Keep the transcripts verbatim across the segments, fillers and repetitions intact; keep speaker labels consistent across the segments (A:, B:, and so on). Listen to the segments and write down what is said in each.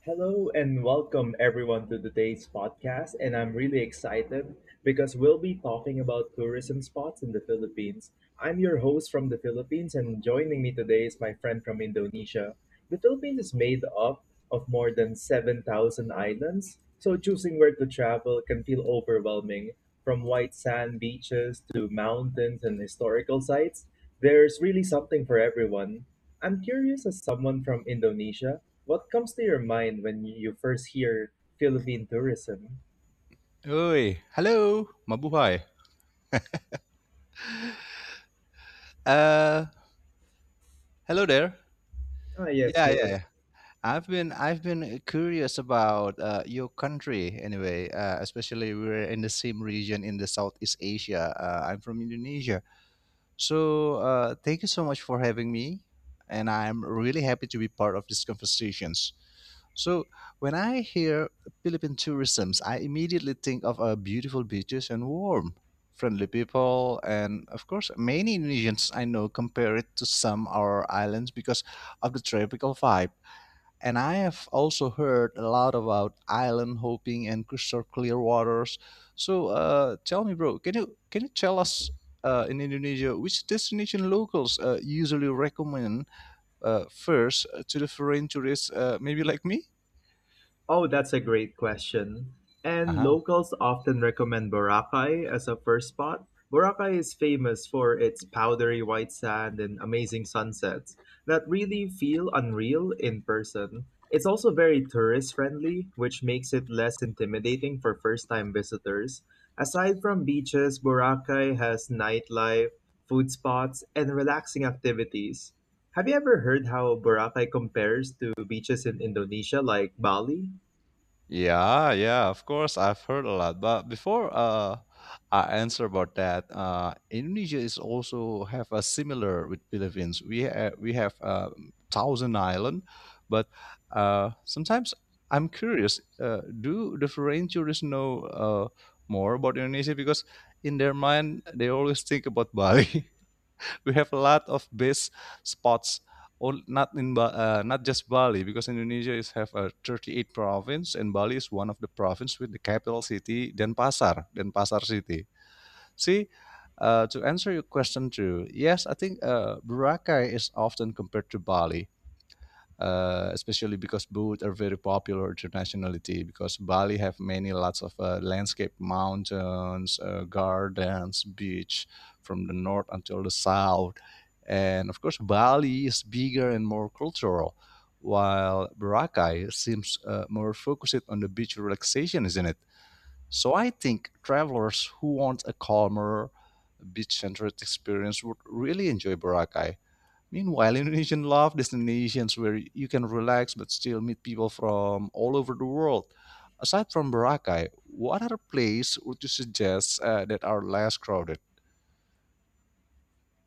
A: Hello and welcome everyone to today's podcast. And I'm really excited because we'll be talking about tourism spots in the Philippines. I'm your host from the Philippines, and joining me today is my friend from Indonesia. The Philippines is made up of more than seven thousand islands, so choosing where to travel can feel overwhelming. From white sand beaches to mountains and historical sites, there's really something for everyone. I'm curious, as someone from Indonesia, what comes to your mind when you first hear Philippine tourism?
B: Oi, hello, mabuhay. Uh, Hello there.
A: Ah, yes,
B: Yeah, yeah,
A: hello.
B: yeah. I've been I've been curious about uh, your country anyway. Uh, especially we're in the same region in the Southeast Asia. Uh, I'm from Indonesia. So, uh, thank you so much for having me, and I'm really happy to be part of these conversations. So, when I hear Philippine tourisms, I immediately think of uh, beautiful beaches and warm, friendly people, and of course, many Indonesians I know compare it to some our islands because of the tropical vibe. And I have also heard a lot about island hopping and crystal clear waters. So uh, tell me, bro, can you can you tell us uh, in Indonesia which destination locals uh, usually recommend uh, first to the foreign tourists, uh, maybe like me?
A: Oh, that's a great question. And locals often recommend Boracay as a first spot. Boracay is famous for its powdery white sand and amazing sunsets that really feel unreal in person. It's also very tourist friendly, which makes it less intimidating for first time visitors. Aside from beaches, Boracay has nightlife, food spots, and relaxing activities. Have you ever heard how Boracay compares to beaches in Indonesia like Bali?
B: Yeah, yeah, of course, I've heard a lot. But before uh, I answer about that, uh, Indonesia is also have a similar with Philippines. We ha- we have uh, thousand island, but uh, sometimes I'm curious. Uh, do the foreign tourists know uh, more about Indonesia because in their mind they always think about Bali? We have a lot of base spots or not in ba- uh, not just Bali because Indonesia is have a thirty-eight province and Bali is one of the province with the capital city Denpasar Denpasar city. See, uh, to answer your question too, yes, I think uh, Boracay is often compared to Bali, uh, especially because both are very popular internationally. Because Bali have many lots of uh, landscape mountains, uh, gardens, beach from the north until the south. And of course, Bali is bigger and more cultural, while Boracay seems uh, more focused on the beach relaxation, isn't it? So I think travelers who want a calmer beach-centered experience would really enjoy Boracay. Meanwhile, Indonesian love destinations where you can relax but still meet people from all over the world. Aside from Boracay, what other place would you suggest uh, that are less crowded?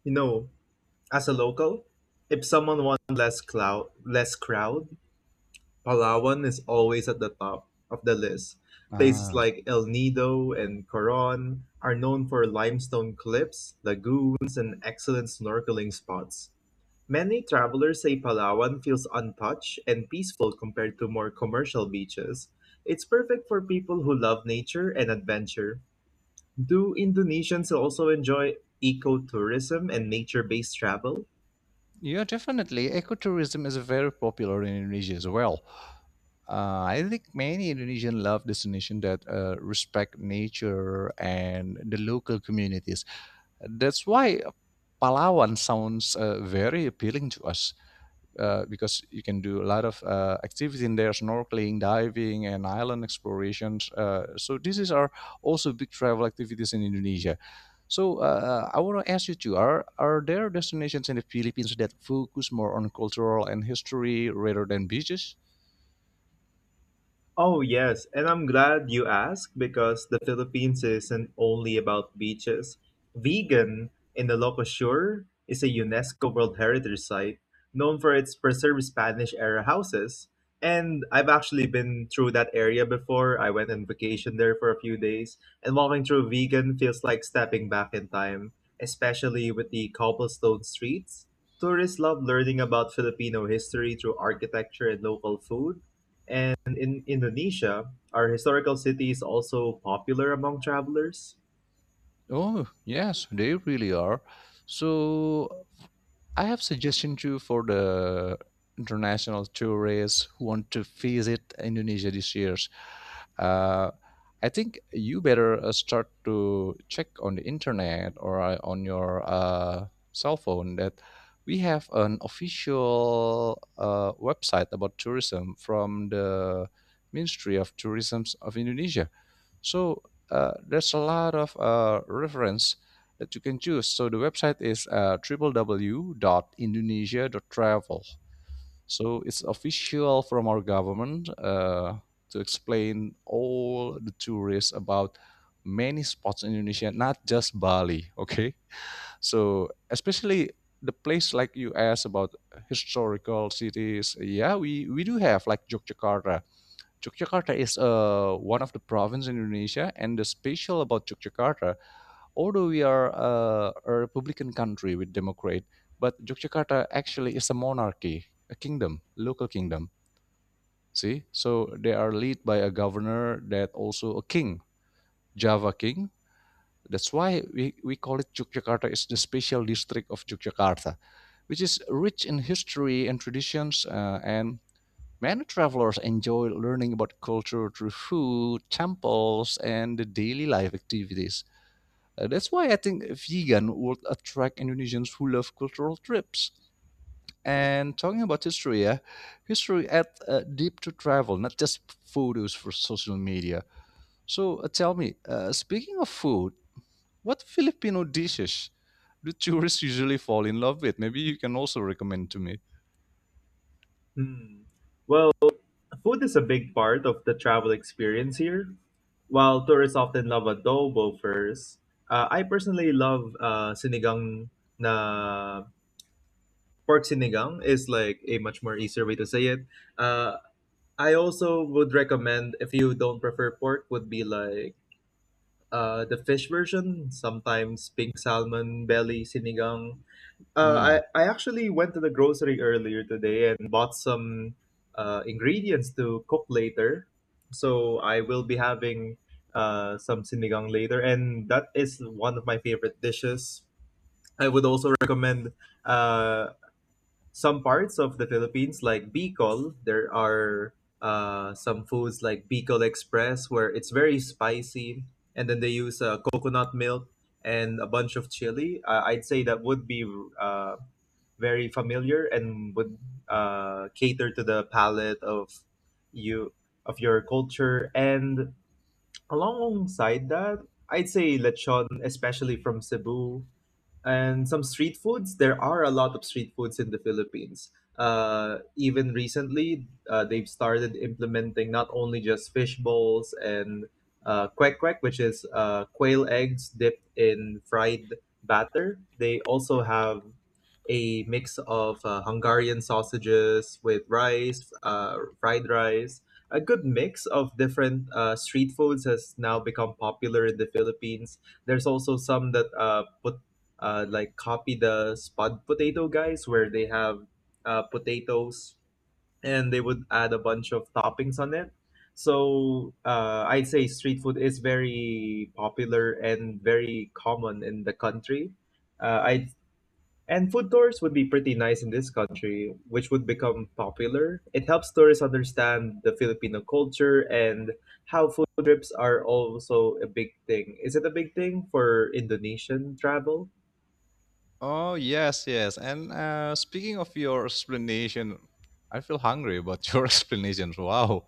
A: You know, as a local, if someone wants less cloud, less crowd, Palawan is always at the top of the list. Places
B: Ah,
A: like El Nido and Coron are known for limestone cliffs, lagoons, and excellent snorkeling spots. Many travelers say Palawan feels untouched and peaceful compared to more commercial beaches. It's perfect for people who love nature and adventure. Do Indonesians also enjoy ecotourism and nature-based travel?
B: yeah, definitely. Ecotourism is very popular in Indonesia as well. Uh, I think many Indonesian love destinations that uh, respect nature and the local communities. That's why Palawan sounds uh, very appealing to us. Uh, because you can do a lot of uh, activities in there, snorkeling, diving, and island explorations, uh, so these is are also big travel activities in Indonesia. So uh, I want to ask you too, are, are there destinations in the Philippines that focus more on cultural and history rather than beaches?
A: Oh, yes, and I'm glad you asked because the Philippines isn't only about beaches. Vegan in the Locosur is a UNESCO World Heritage Site known for its preserved Spanish era houses. And I've actually been through that area before. I went on vacation there for a few days, and walking through vegan feels like stepping back in time, especially with the cobblestone streets. Tourists love learning about Filipino history through architecture and local food. And in Indonesia, are historical cities also popular among travelers?
B: Oh, yes, they really are. So, I have suggestion too for the international tourists who want to visit Indonesia this year. Uh, I think you better uh, start to check on the internet or uh, on your uh, cell phone that we have an official uh, website about tourism from the Ministry of Tourism of Indonesia. So uh, there's a lot of uh, reference that you can choose. So the website is uh, w w w dot indonesia dot travel. So it's official from our government uh, to explain all the tourists about many spots in Indonesia, not just Bali. Okay, so especially the place like you asked about historical cities. Yeah, we we do have like Yogyakarta. Yogyakarta is uh, one of the provinces in Indonesia, and the special about Yogyakarta, although we are uh, a republican country with democrat, but Yogyakarta actually is a monarchy, a kingdom, local kingdom. See, so they are led by a governor that also a king, Java king. That's why we, we call it Yogyakarta is the special district of Yogyakarta, which is rich in history and traditions, uh, and many travelers enjoy learning about culture through food, temples, and the daily life activities. Uh, that's why I think vegan would attract Indonesians who love cultural trips. And talking about history, yeah, history add uh, deep to travel, not just photos for social media. So uh, tell me, uh, speaking of food, what Filipino dishes do tourists usually fall in love with? Maybe you can also recommend to me.
A: Hmm. Well, food is a big part of the travel experience here. While tourists often love adobo first, uh, I personally love uh, sinigang na pork. Sinigang is like a much more easier way to say it. Uh, I also would recommend if you don't prefer pork would be like uh, the fish version, sometimes pink salmon belly sinigang. Uh, I,
B: Hmm.
A: I actually went to the grocery earlier today and bought some uh, ingredients to cook later. So I will be having uh, some sinigang later, and that is one of my favorite dishes. I would also recommend uh, some parts of the Philippines, like Bicol. There are uh, some foods like Bicol Express, where it's very spicy, and then they use uh, coconut milk and a bunch of chili. Uh, I'd say that would be uh, very familiar and would uh, cater to the palate of you of your culture. And alongside that, I'd say lechon, especially from Cebu, and some street foods. There are a lot of street foods in the Philippines. uh, even recently uh, they've started implementing not only just fish bowls and uh, kwek kwek, which is uh, quail eggs dipped in fried batter. They also have a mix of uh, Hungarian sausages with rice, uh, fried rice. A good mix of different uh, street foods has now become popular in the Philippines. There's also some that uh, put uh, like copy the spud potato guys, where they have uh, potatoes and they would add a bunch of toppings on it. So uh, I'd say street food is very popular and very common in the country. Uh, I and food tours would be pretty nice in this country, which would become popular. It helps tourists understand the Filipino culture and how food trips are also a big thing. Is it a big thing for Indonesian travel?
B: Oh yes, yes. And uh, speaking of your explanation, I feel hungry about your explanation. Wow.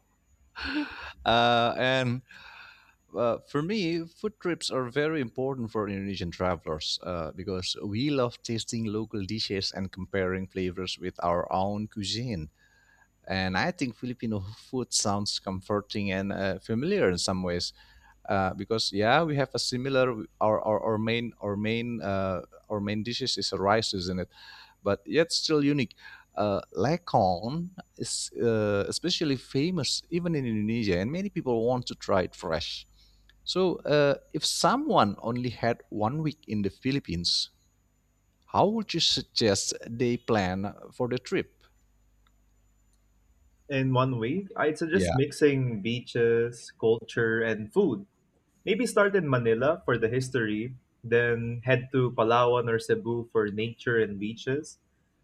B: Uh, and Uh, for me, food trips are very important for Indonesian travelers uh, because we love tasting local dishes and comparing flavors with our own cuisine. And I think Filipino food sounds comforting and uh, familiar in some ways, uh, because yeah, we have a similar our our, our main our main uh, our main dishes is rice, isn't it? But yet still unique. Uh, Lekong is uh, especially famous even in Indonesia, and many people want to try it fresh. So, uh, if someone only had one week in the Philippines, how would you suggest they plan for the trip?
A: In one week, I'd
B: Yeah.
A: suggest mixing beaches, culture, and food. Maybe start in Manila for the history, then head to Palawan or Cebu for nature and beaches.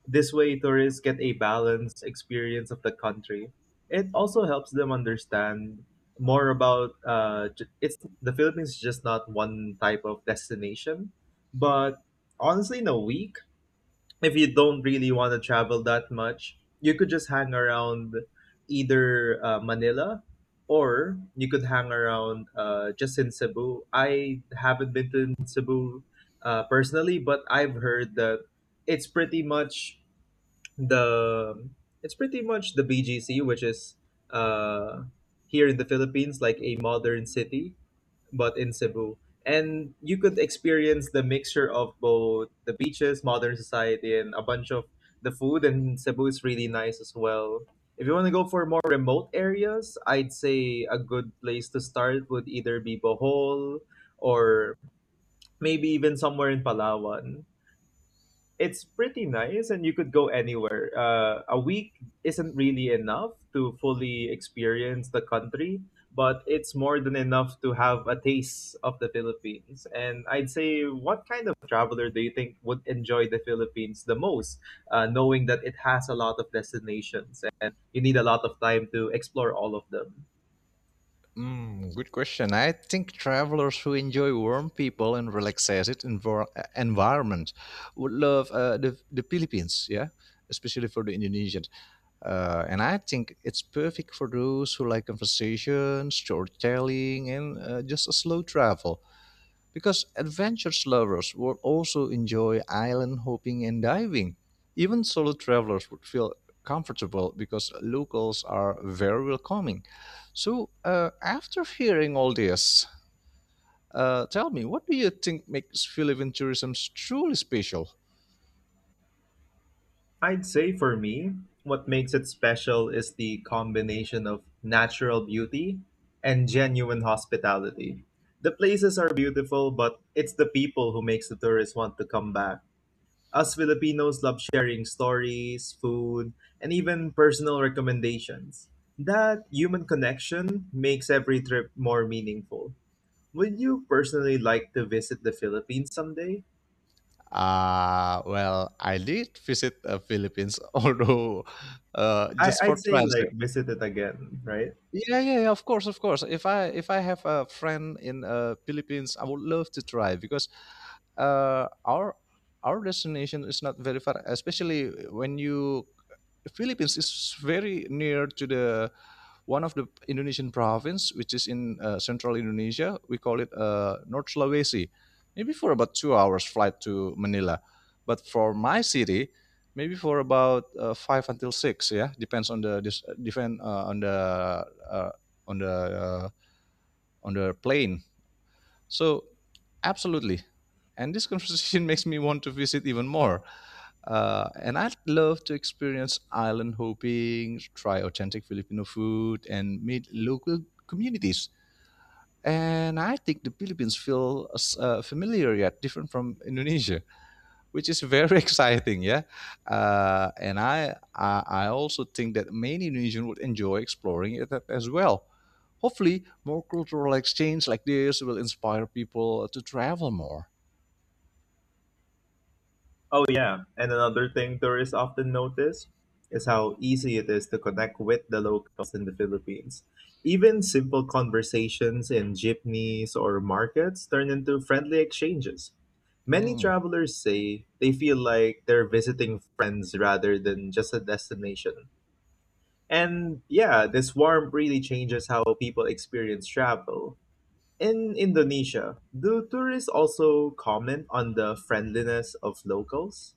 A: This way, tourists get a balanced experience of the country. It also helps them understand more about uh, j- it's the Philippines is just not one type of destination. But honestly, in a week, if you don't really want to travel that much, you could just hang around either uh, Manila, or you could hang around uh, just in Cebu. I haven't been to Cebu uh, personally, but I've heard that it's pretty much the it's pretty much the B G C, which is uh, here in the Philippines, like a modern city but in Cebu. And you could experience the mixture of both the beaches, modern society, and a bunch of the food. And Cebu is really nice as well. If you want to go for more remote areas, I'd say a good place to start would either be Bohol or maybe even somewhere in Palawan. It's pretty nice and you could go anywhere. Uh, a week isn't really enough to fully experience the country, but it's more than enough to have a taste of the Philippines. And I'd say, what kind of traveler do you think would enjoy the Philippines the most, uh, knowing that it has a lot of destinations and you need a lot of time to explore all of them?
B: Mm, good question. I think travelers who enjoy warm people and relaxed envir- environment would love uh, the, the Philippines, yeah, especially for the Indonesians. Uh, and I think it's perfect for those who like conversation, storytelling, and uh, just a slow travel. Because adventure lovers would also enjoy island hopping and diving. Even solo travelers would feel comfortable because locals are very welcoming. So, uh, after hearing all this, uh, tell me, what do you think makes Philippine tourism truly special?
A: I'd say for me, what makes it special is the combination of natural beauty and genuine hospitality. The places are beautiful, but it's the people who makes the tourists want to come back. Us Filipinos love sharing stories, food, and even personal recommendations. That human connection makes every trip more meaningful. Would you personally like to visit the Philippines someday?
B: Ah, well, I did visit the Philippines, although uh,
A: I-
B: just for
A: I'd say
B: transit.
A: like visit it again, right?
B: Yeah, yeah, yeah, of course, of course. If I if I have a friend in uh, Philippines, I would love to try because uh, our our destination is not very far, especially when you Philippines is very near to the one of the Indonesian province, which is in uh, central Indonesia. We call it uh, North Sulawesi. Maybe for about two hours flight to Manila, but for my city, maybe for about uh, five until six. Yeah, depends on the dis- uh, depend uh, on the uh, on the uh, on the plane. So, absolutely. And this conversation makes me want to visit even more. Uh, and I'd love to experience island hopping, try authentic Filipino food, and meet local communities. And I think the Philippines feel uh, familiar yet different from Indonesia, which is very exciting, yeah. Uh, and I, I I also think that many Indonesians would enjoy exploring it a- as well. Hopefully, more cultural exchange like this will inspire people to travel more.
A: Oh, yeah. And another thing tourists often notice is how easy it is to connect with the locals in the Philippines. Even simple conversations in jeepneys or markets turn into friendly exchanges. Many
B: Hmm.
A: travelers say they feel like they're visiting friends rather than just a destination. And yeah, this warmth really changes how people experience travel. In Indonesia, do tourists also comment on the friendliness of locals?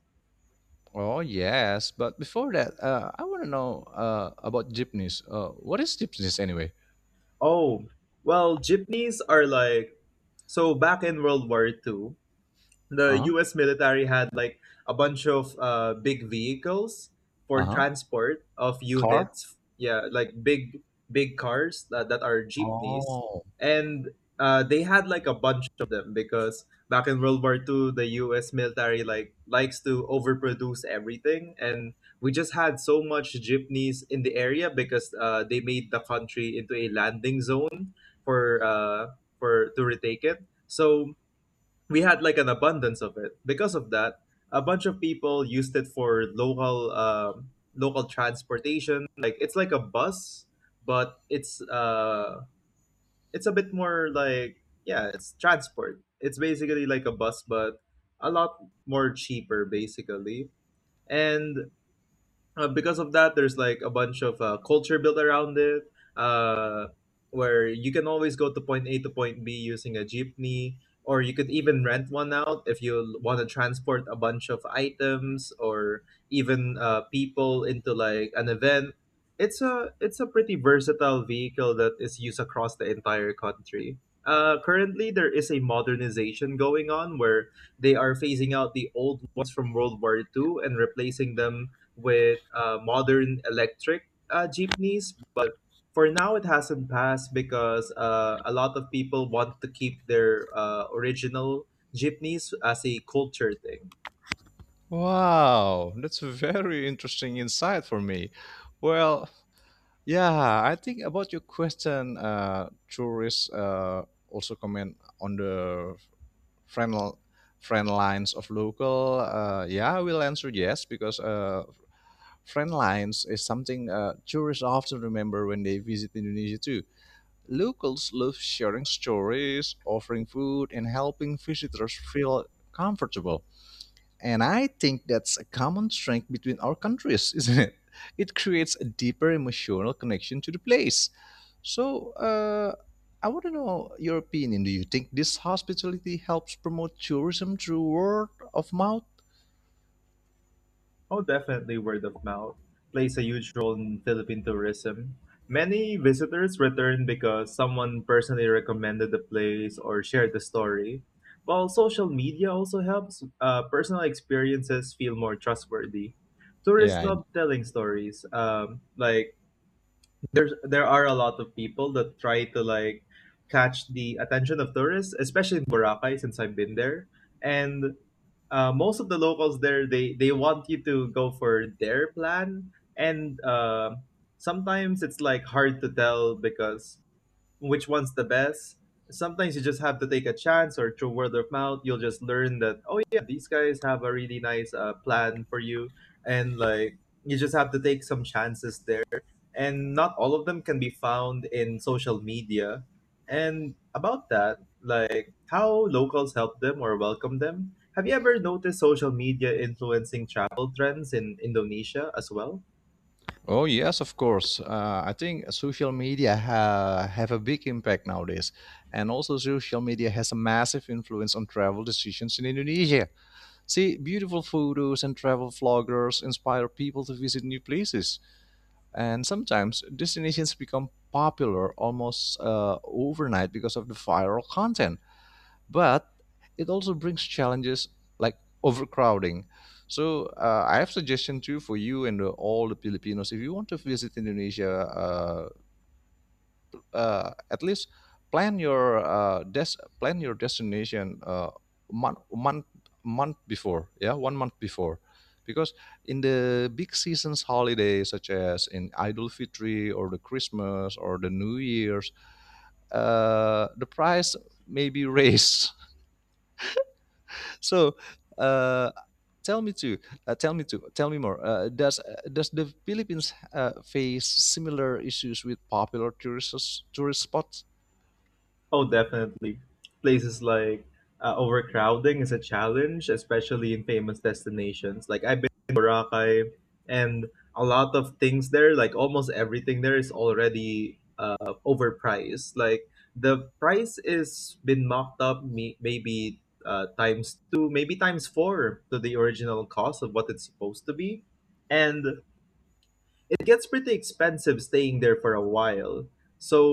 B: Oh yes, but before that, uh, I want to know uh, about jeepneys. Uh, what is jeepneys anyway?
A: Oh, well, jeepneys are like, so back in World War Two, the
B: Uh-huh.
A: U S military had like a bunch of uh, big vehicles for
B: Uh-huh.
A: transport of
B: Car?
A: units. Yeah, like big big cars that, that are jeepneys,
B: Oh.
A: and uh, they had like a bunch of them because back in World War Two, the U S military like likes to overproduce everything, and we just had so much jeepneys in the area because uh, they made the country into a landing zone for uh, for to retake it. So we had like an abundance of it. Because of that, a bunch of people used it for local um, local transportation. Like it's like a bus, but it's uh it's a bit more like, yeah, it's transport. It's basically like a bus, but a lot more cheaper basically. And uh, because of that, there's like a bunch of uh, culture built around it, uh, where you can always go to point A to point B using a jeepney, or you could even rent one out if you want to transport a bunch of items or even uh, people into like an event. It's a it's a pretty versatile vehicle that is used across the entire country. Uh, currently, there is a modernization going on where they are phasing out the old ones from World War Two and replacing them with uh, modern electric uh, jeepneys, but for now it hasn't passed because uh, a lot of people want to keep their uh, original jeepneys as a culture thing.
B: Wow, that's a very interesting insight for me. Well, yeah, I think about your question, uh, tourists uh, also comment on the friend, friend lines of local. Uh, yeah, I will answer yes because uh, friend lines is something uh, tourists often remember when they visit Indonesia too. Locals love sharing stories, offering food, and helping visitors feel comfortable. And I think that's a common strength between our countries, isn't it? It creates a deeper emotional connection to the place. So, uh, I want to know your opinion. Do you think this hospitality helps promote tourism through word of mouth?
A: Oh, definitely word of mouth plays a huge role in Philippine tourism. Many visitors return because someone personally recommended the place or shared the story. While social media also helps, uh, personal experiences feel more trustworthy. Tourists
B: Yeah. And-
A: love telling stories. Um, like there's there are a lot of people that try to like catch the attention of tourists, especially in Boracay since I've been there. And uh, most of the locals there, they they want you to go for their plan and uh, sometimes it's like hard to tell because which one's the best. Sometimes you just have to take a chance or through word of mouth, you'll just learn that, oh yeah, these guys have a really nice uh, plan for you. And like, you just have to take some chances there. And not all of them can be found in social media. And about that, like how locals help them or welcome them, have you ever noticed social media influencing travel trends in Indonesia as well?
B: Oh, yes, of course. Uh, I think social media ha- have a big impact nowadays, and also social media has a massive influence on travel decisions in Indonesia. See, beautiful photos and travel vloggers inspire people to visit new places. And sometimes destinations become popular almost uh, overnight because of the viral content. But it also brings challenges like overcrowding. So uh, I have suggestion too for you and uh, all the Filipinos. If you want to visit Indonesia, uh, uh, at least plan your uh, des- plan your destination uh, month month month before, yeah, one month before, because in the big seasons holidays such as in idul fitri or the christmas or the new year's, uh, the price may be raised. So uh, tell me too uh, tell me too, tell me more, uh, does does the Philippines uh, face similar issues with popular tourist tourist spots?
A: Oh, definitely. Places like uh, overcrowding is a challenge, especially in famous destinations. Like I've been to Boracay, and a lot of things there, like almost everything there, is already uh, overpriced. Like the price is been mocked up, me- maybe uh, times two, maybe times four to the original cost of what it's supposed to be, and it gets pretty expensive staying there for a while.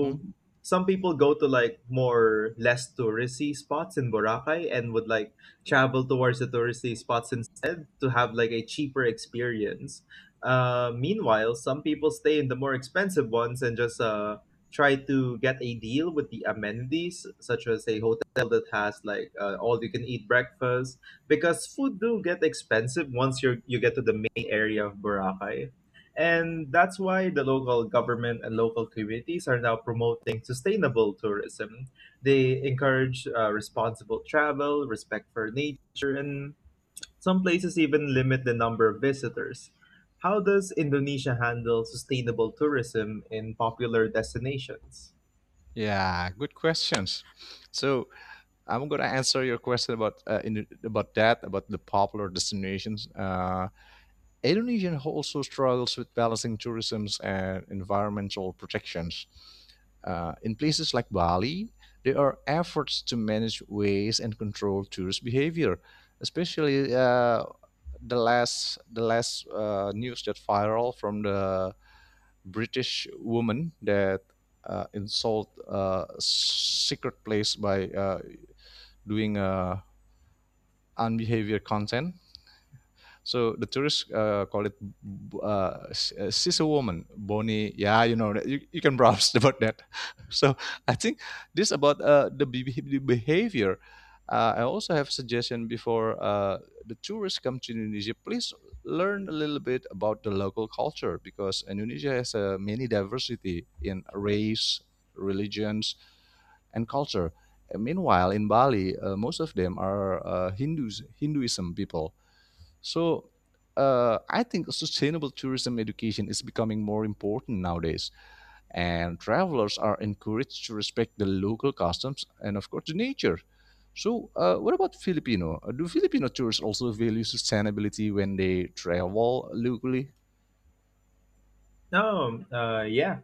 B: Hmm?
A: some people go to like more less touristy spots in Boracay and would like travel towards the touristy spots instead to have like a cheaper experience. Uh, meanwhile, some people stay in the more expensive ones and just uh try to get a deal with the amenities such as a hotel that has like uh, all you can eat breakfast because food do get expensive once you you get to the main area of Boracay, and that's why the local government and local communities are now promoting sustainable tourism. They encourage uh, responsible travel, respect for nature, and some places even limit the number of visitors. How does Indonesia handle sustainable tourism in popular destinations?
B: Yeah, good questions. So, I'm going to answer your question about uh, in, about that, about the popular destinations. Uh, Indonesia also struggles with balancing tourism and environmental protections. Uh, in places like Bali, there are efforts to manage waste and control tourist behavior, especially uh, the last the last uh, news that viral from the British woman that uh, insult uh, secret place by uh, doing a unbehavior content. So the tourists uh, call it uh, uh, she's a woman, Bonnie. Yeah, you know you, you can browse about that. So I think this about uh, the, be- the behavior. Uh, I also have suggestion before uh, the tourists come to Indonesia. Please learn a little bit about the local culture because Indonesia has a many diversity in race, religions, and culture. And meanwhile, in Bali, uh, most of them are uh, Hindus, Hinduism people. So uh, I think sustainable tourism education is becoming more important nowadays, and travelers are encouraged to respect the local customs and, of course, the nature. So, uh, what about Filipino? Uh, Do Filipino tourists also value sustainability when they travel locally?
A: Oh, uh, yeah.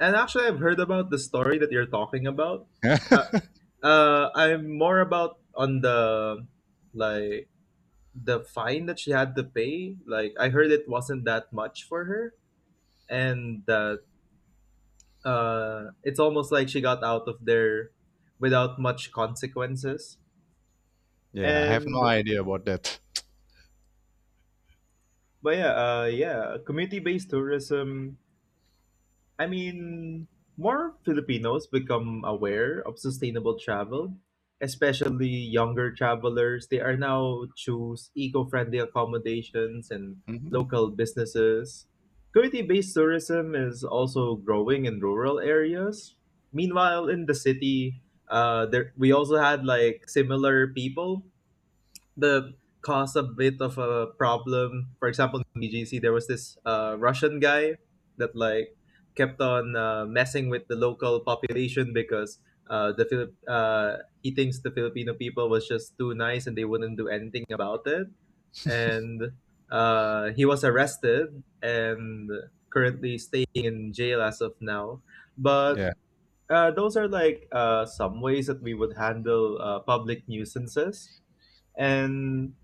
A: And actually, I've heard about the story that you're talking about. Uh,
B: Yeah,
A: uh, I'm more about on the like the fine that she had to pay. Like I heard it wasn't that much for her, and that uh it's almost like she got out of there without much consequences.
B: I have
A: And
B: no idea about that.
A: but Yeah, uh yeah, community based tourism. I mean, more Filipinos become aware of sustainable travel, especially younger travelers. They are now choose eco-friendly accommodations and
B: Mhm.
A: local businesses. Community-based tourism is also growing in rural areas. Meanwhile, in the city, uh, there we also had like similar people the cause a bit of a problem. For example, in B G C, there was this uh, Russian guy that like kept on uh, messing with the local population because uh, the Philip uh, he thinks the Filipino people was just too nice and they wouldn't do anything about it. And uh, he was arrested and currently staying in jail as of now. But
B: Yeah.
A: uh, those are like uh, some ways that we would handle uh, public nuisances. And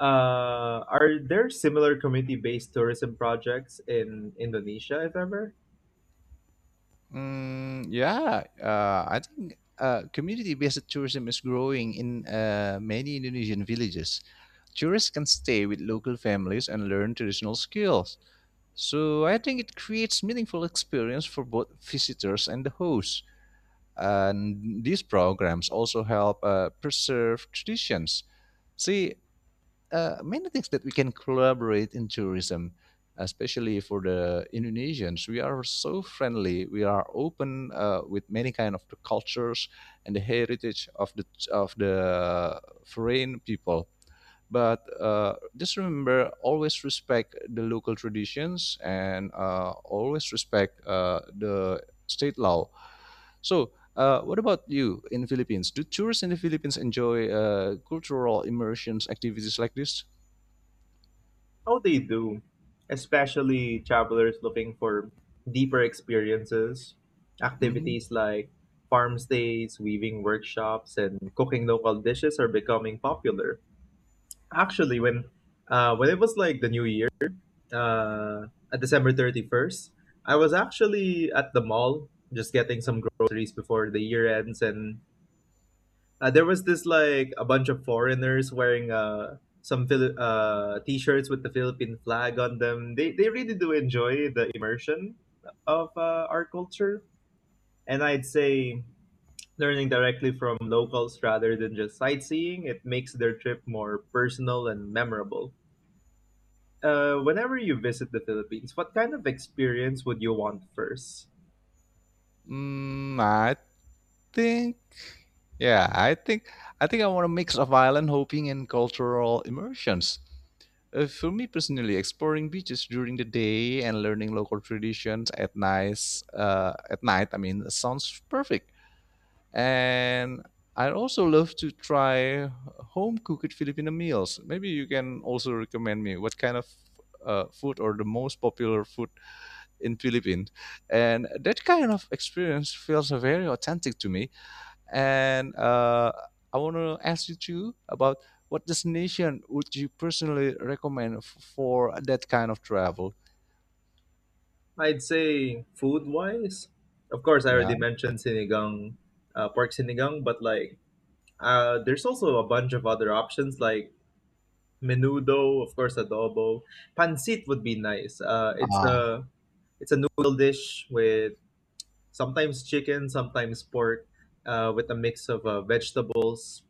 A: uh, are there similar community-based tourism projects in Indonesia, if ever?
B: Mm, yeah. Uh, I think uh, community-based tourism is growing in uh, many Indonesian villages. Tourists can stay with local families and learn traditional skills. So I think it creates meaningful experience for both visitors and the host. And these programs also help uh, preserve traditions. See, uh, many things that we can collaborate in tourism, especially for the Indonesians. We are so friendly. We are open uh, with many kind of the cultures and the heritage of the of the foreign people. But uh, just remember, always respect the local traditions and uh, always respect uh, the state law. So, uh, what about you in the Philippines? Do tourists in the Philippines enjoy uh, cultural immersions activities like this?
A: Oh, they do, especially travelers looking for deeper experiences.
B: Hmm.
A: Activities like farm stays, weaving workshops, and cooking local dishes are becoming popular. Actually, when uh, when it was like the New Year, uh, at December thirty first, I was actually at the mall just getting some groceries before the year ends. And Uh, there was this like a bunch of foreigners wearing uh some Phil- uh t-shirts with the Philippine flag on them. They they really do enjoy the immersion of uh, our culture, and I'd say learning directly from locals rather than just sightseeing it makes their trip more personal and memorable. Uh, whenever you visit the Philippines, what kind of experience would you want first?
B: Mm, I think, yeah, I think, I think I want a mix of island hopping and cultural immersions. Uh, for me personally, exploring beaches during the day and learning local traditions at night, uh, at night, I mean, sounds perfect. And I also love to try home cooked Filipino meals. Maybe you can also recommend me what kind of uh, food or the most popular food in Philippines. And that kind of experience feels very authentic to me. And uh, I want to ask you too about what destination would you personally recommend f- for that kind of travel?
A: I'd say food wise. Of course, I
B: Yeah.
A: already mentioned sinigang, uh, pork sinigang, but like Uh, there's also a bunch of other options like menudo, of course, adobo. Pancit would be nice. Uh, it's
B: Ah.
A: a it's a noodle dish with sometimes chicken, sometimes pork, uh, with a mix of uh, vegetables.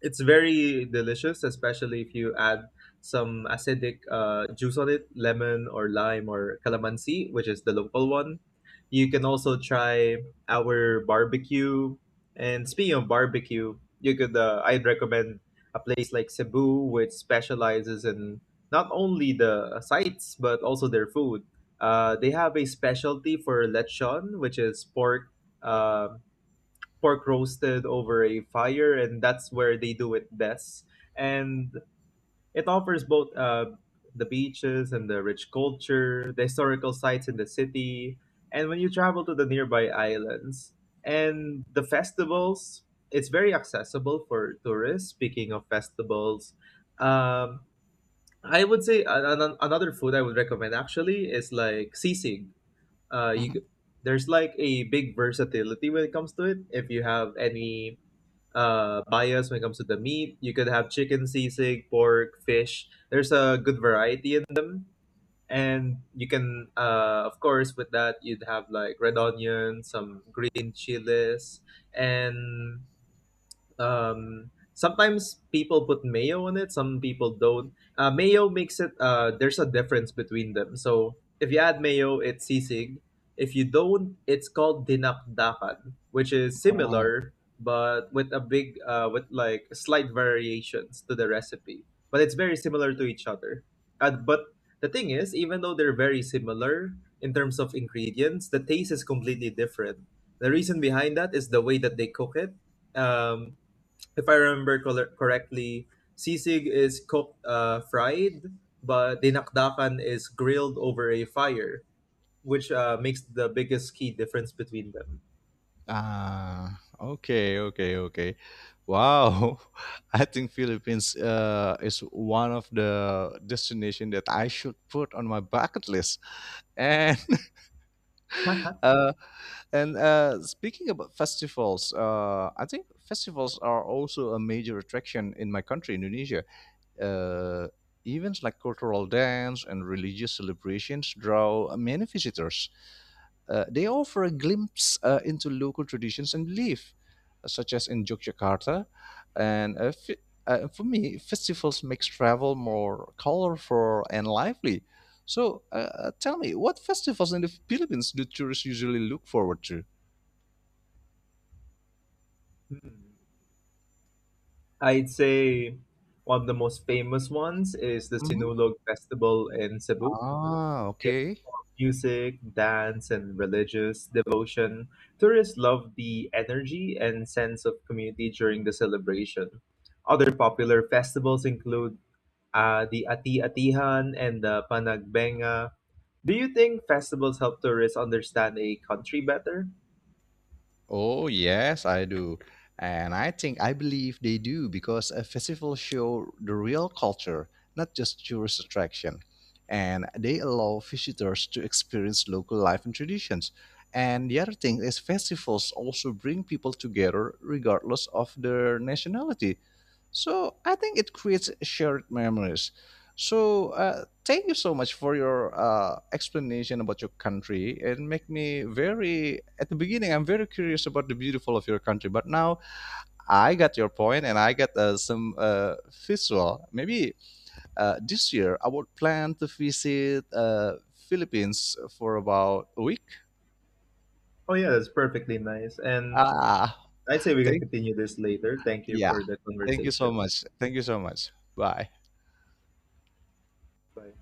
A: It's very delicious, especially if you add some acidic uh, juice on it, lemon or lime or calamansi, which is the local one. You can also try our barbecue. And speaking of barbecue, you could uh, I'd recommend a place like Cebu, which specializes in not only the sites but also their food. Uh, they have a specialty for lechon, which is pork uh, pork roasted over a fire, and that's where they do it best. And it offers both uh, the beaches and the rich culture, the historical sites in the city, and when you travel to the nearby islands. And the festivals, it's very accessible for tourists. Speaking of festivals, um, I would say an- an- another food I would recommend actually is like sisig. Uh, you,
B: Mhm.
A: c- there's like a big versatility when it comes to it. If you have any uh, bias when it comes to the meat. You could have chicken, sisig, pork, fish. There's a good variety in them. And you can, uh, of course, with that, you'd have like red onion, some green chilies, and um sometimes people put mayo on it, some people don't. Uh, mayo makes it uh There's a difference between them, so if you add mayo it's sisig, if you don't it's called dinakdakan, which is
B: Oh,
A: similar but with a big uh with like slight variations to the recipe, but it's very similar to each other. Uh, but the thing is, even though they're very similar in terms of ingredients, the taste is completely different. The reason behind that is the way that they cook it. um if I remember col- correctly, sisig is cooked uh, fried, but dinakdakan is grilled over a fire, which uh, makes the biggest key difference between them.
B: ah, okay, okay, okay. Wow, I think Philippines uh, is one of the destination that I should put on my bucket list. And
A: Okay.
B: uh, and uh, speaking about festivals, uh, I think festivals are also a major attraction in my country, Indonesia. Uh, Events like cultural dance and religious celebrations draw many visitors. Uh, they offer a glimpse uh, into local traditions and belief, uh, such as in Yogyakarta. And uh, fi- uh, for me, festivals makes travel more colorful and lively. So, uh, uh, tell me, what festivals in the Philippines do tourists usually look forward to?
A: Hmm. I'd say one of the most famous ones is the
B: Mhm.
A: Sinulog Festival in Cebu.
B: Ah,
A: It's
B: okay.
A: music, dance, and religious devotion. Tourists love the energy and sense of community during the celebration. Other popular festivals include uh, the Ati-Atihan and the Panagbenga. Do you think festivals help tourists understand a country better?
B: Oh, yes, I do. And I think I believe they do because a festival show the real culture, not just tourist attraction. And they allow visitors to experience local life and traditions. And the other thing is festivals also bring people together regardless of their nationality. So I think it creates shared memories. So, uh, thank you so much for your uh, explanation about your country. It make me very at the beginning. I'm very curious about the beautiful of your country, but now I got your point and I got uh, some uh, visual. Maybe uh, this year I would plan to visit uh, Philippines for about a week.
A: Oh yeah, that's perfectly nice. And
B: Ah,
A: I'd say we can
B: thank
A: continue this later. Thank you
B: Yeah,
A: for the
B: thank you
A: conversation.
B: so much. Thank you so much. Bye.
A: Bye.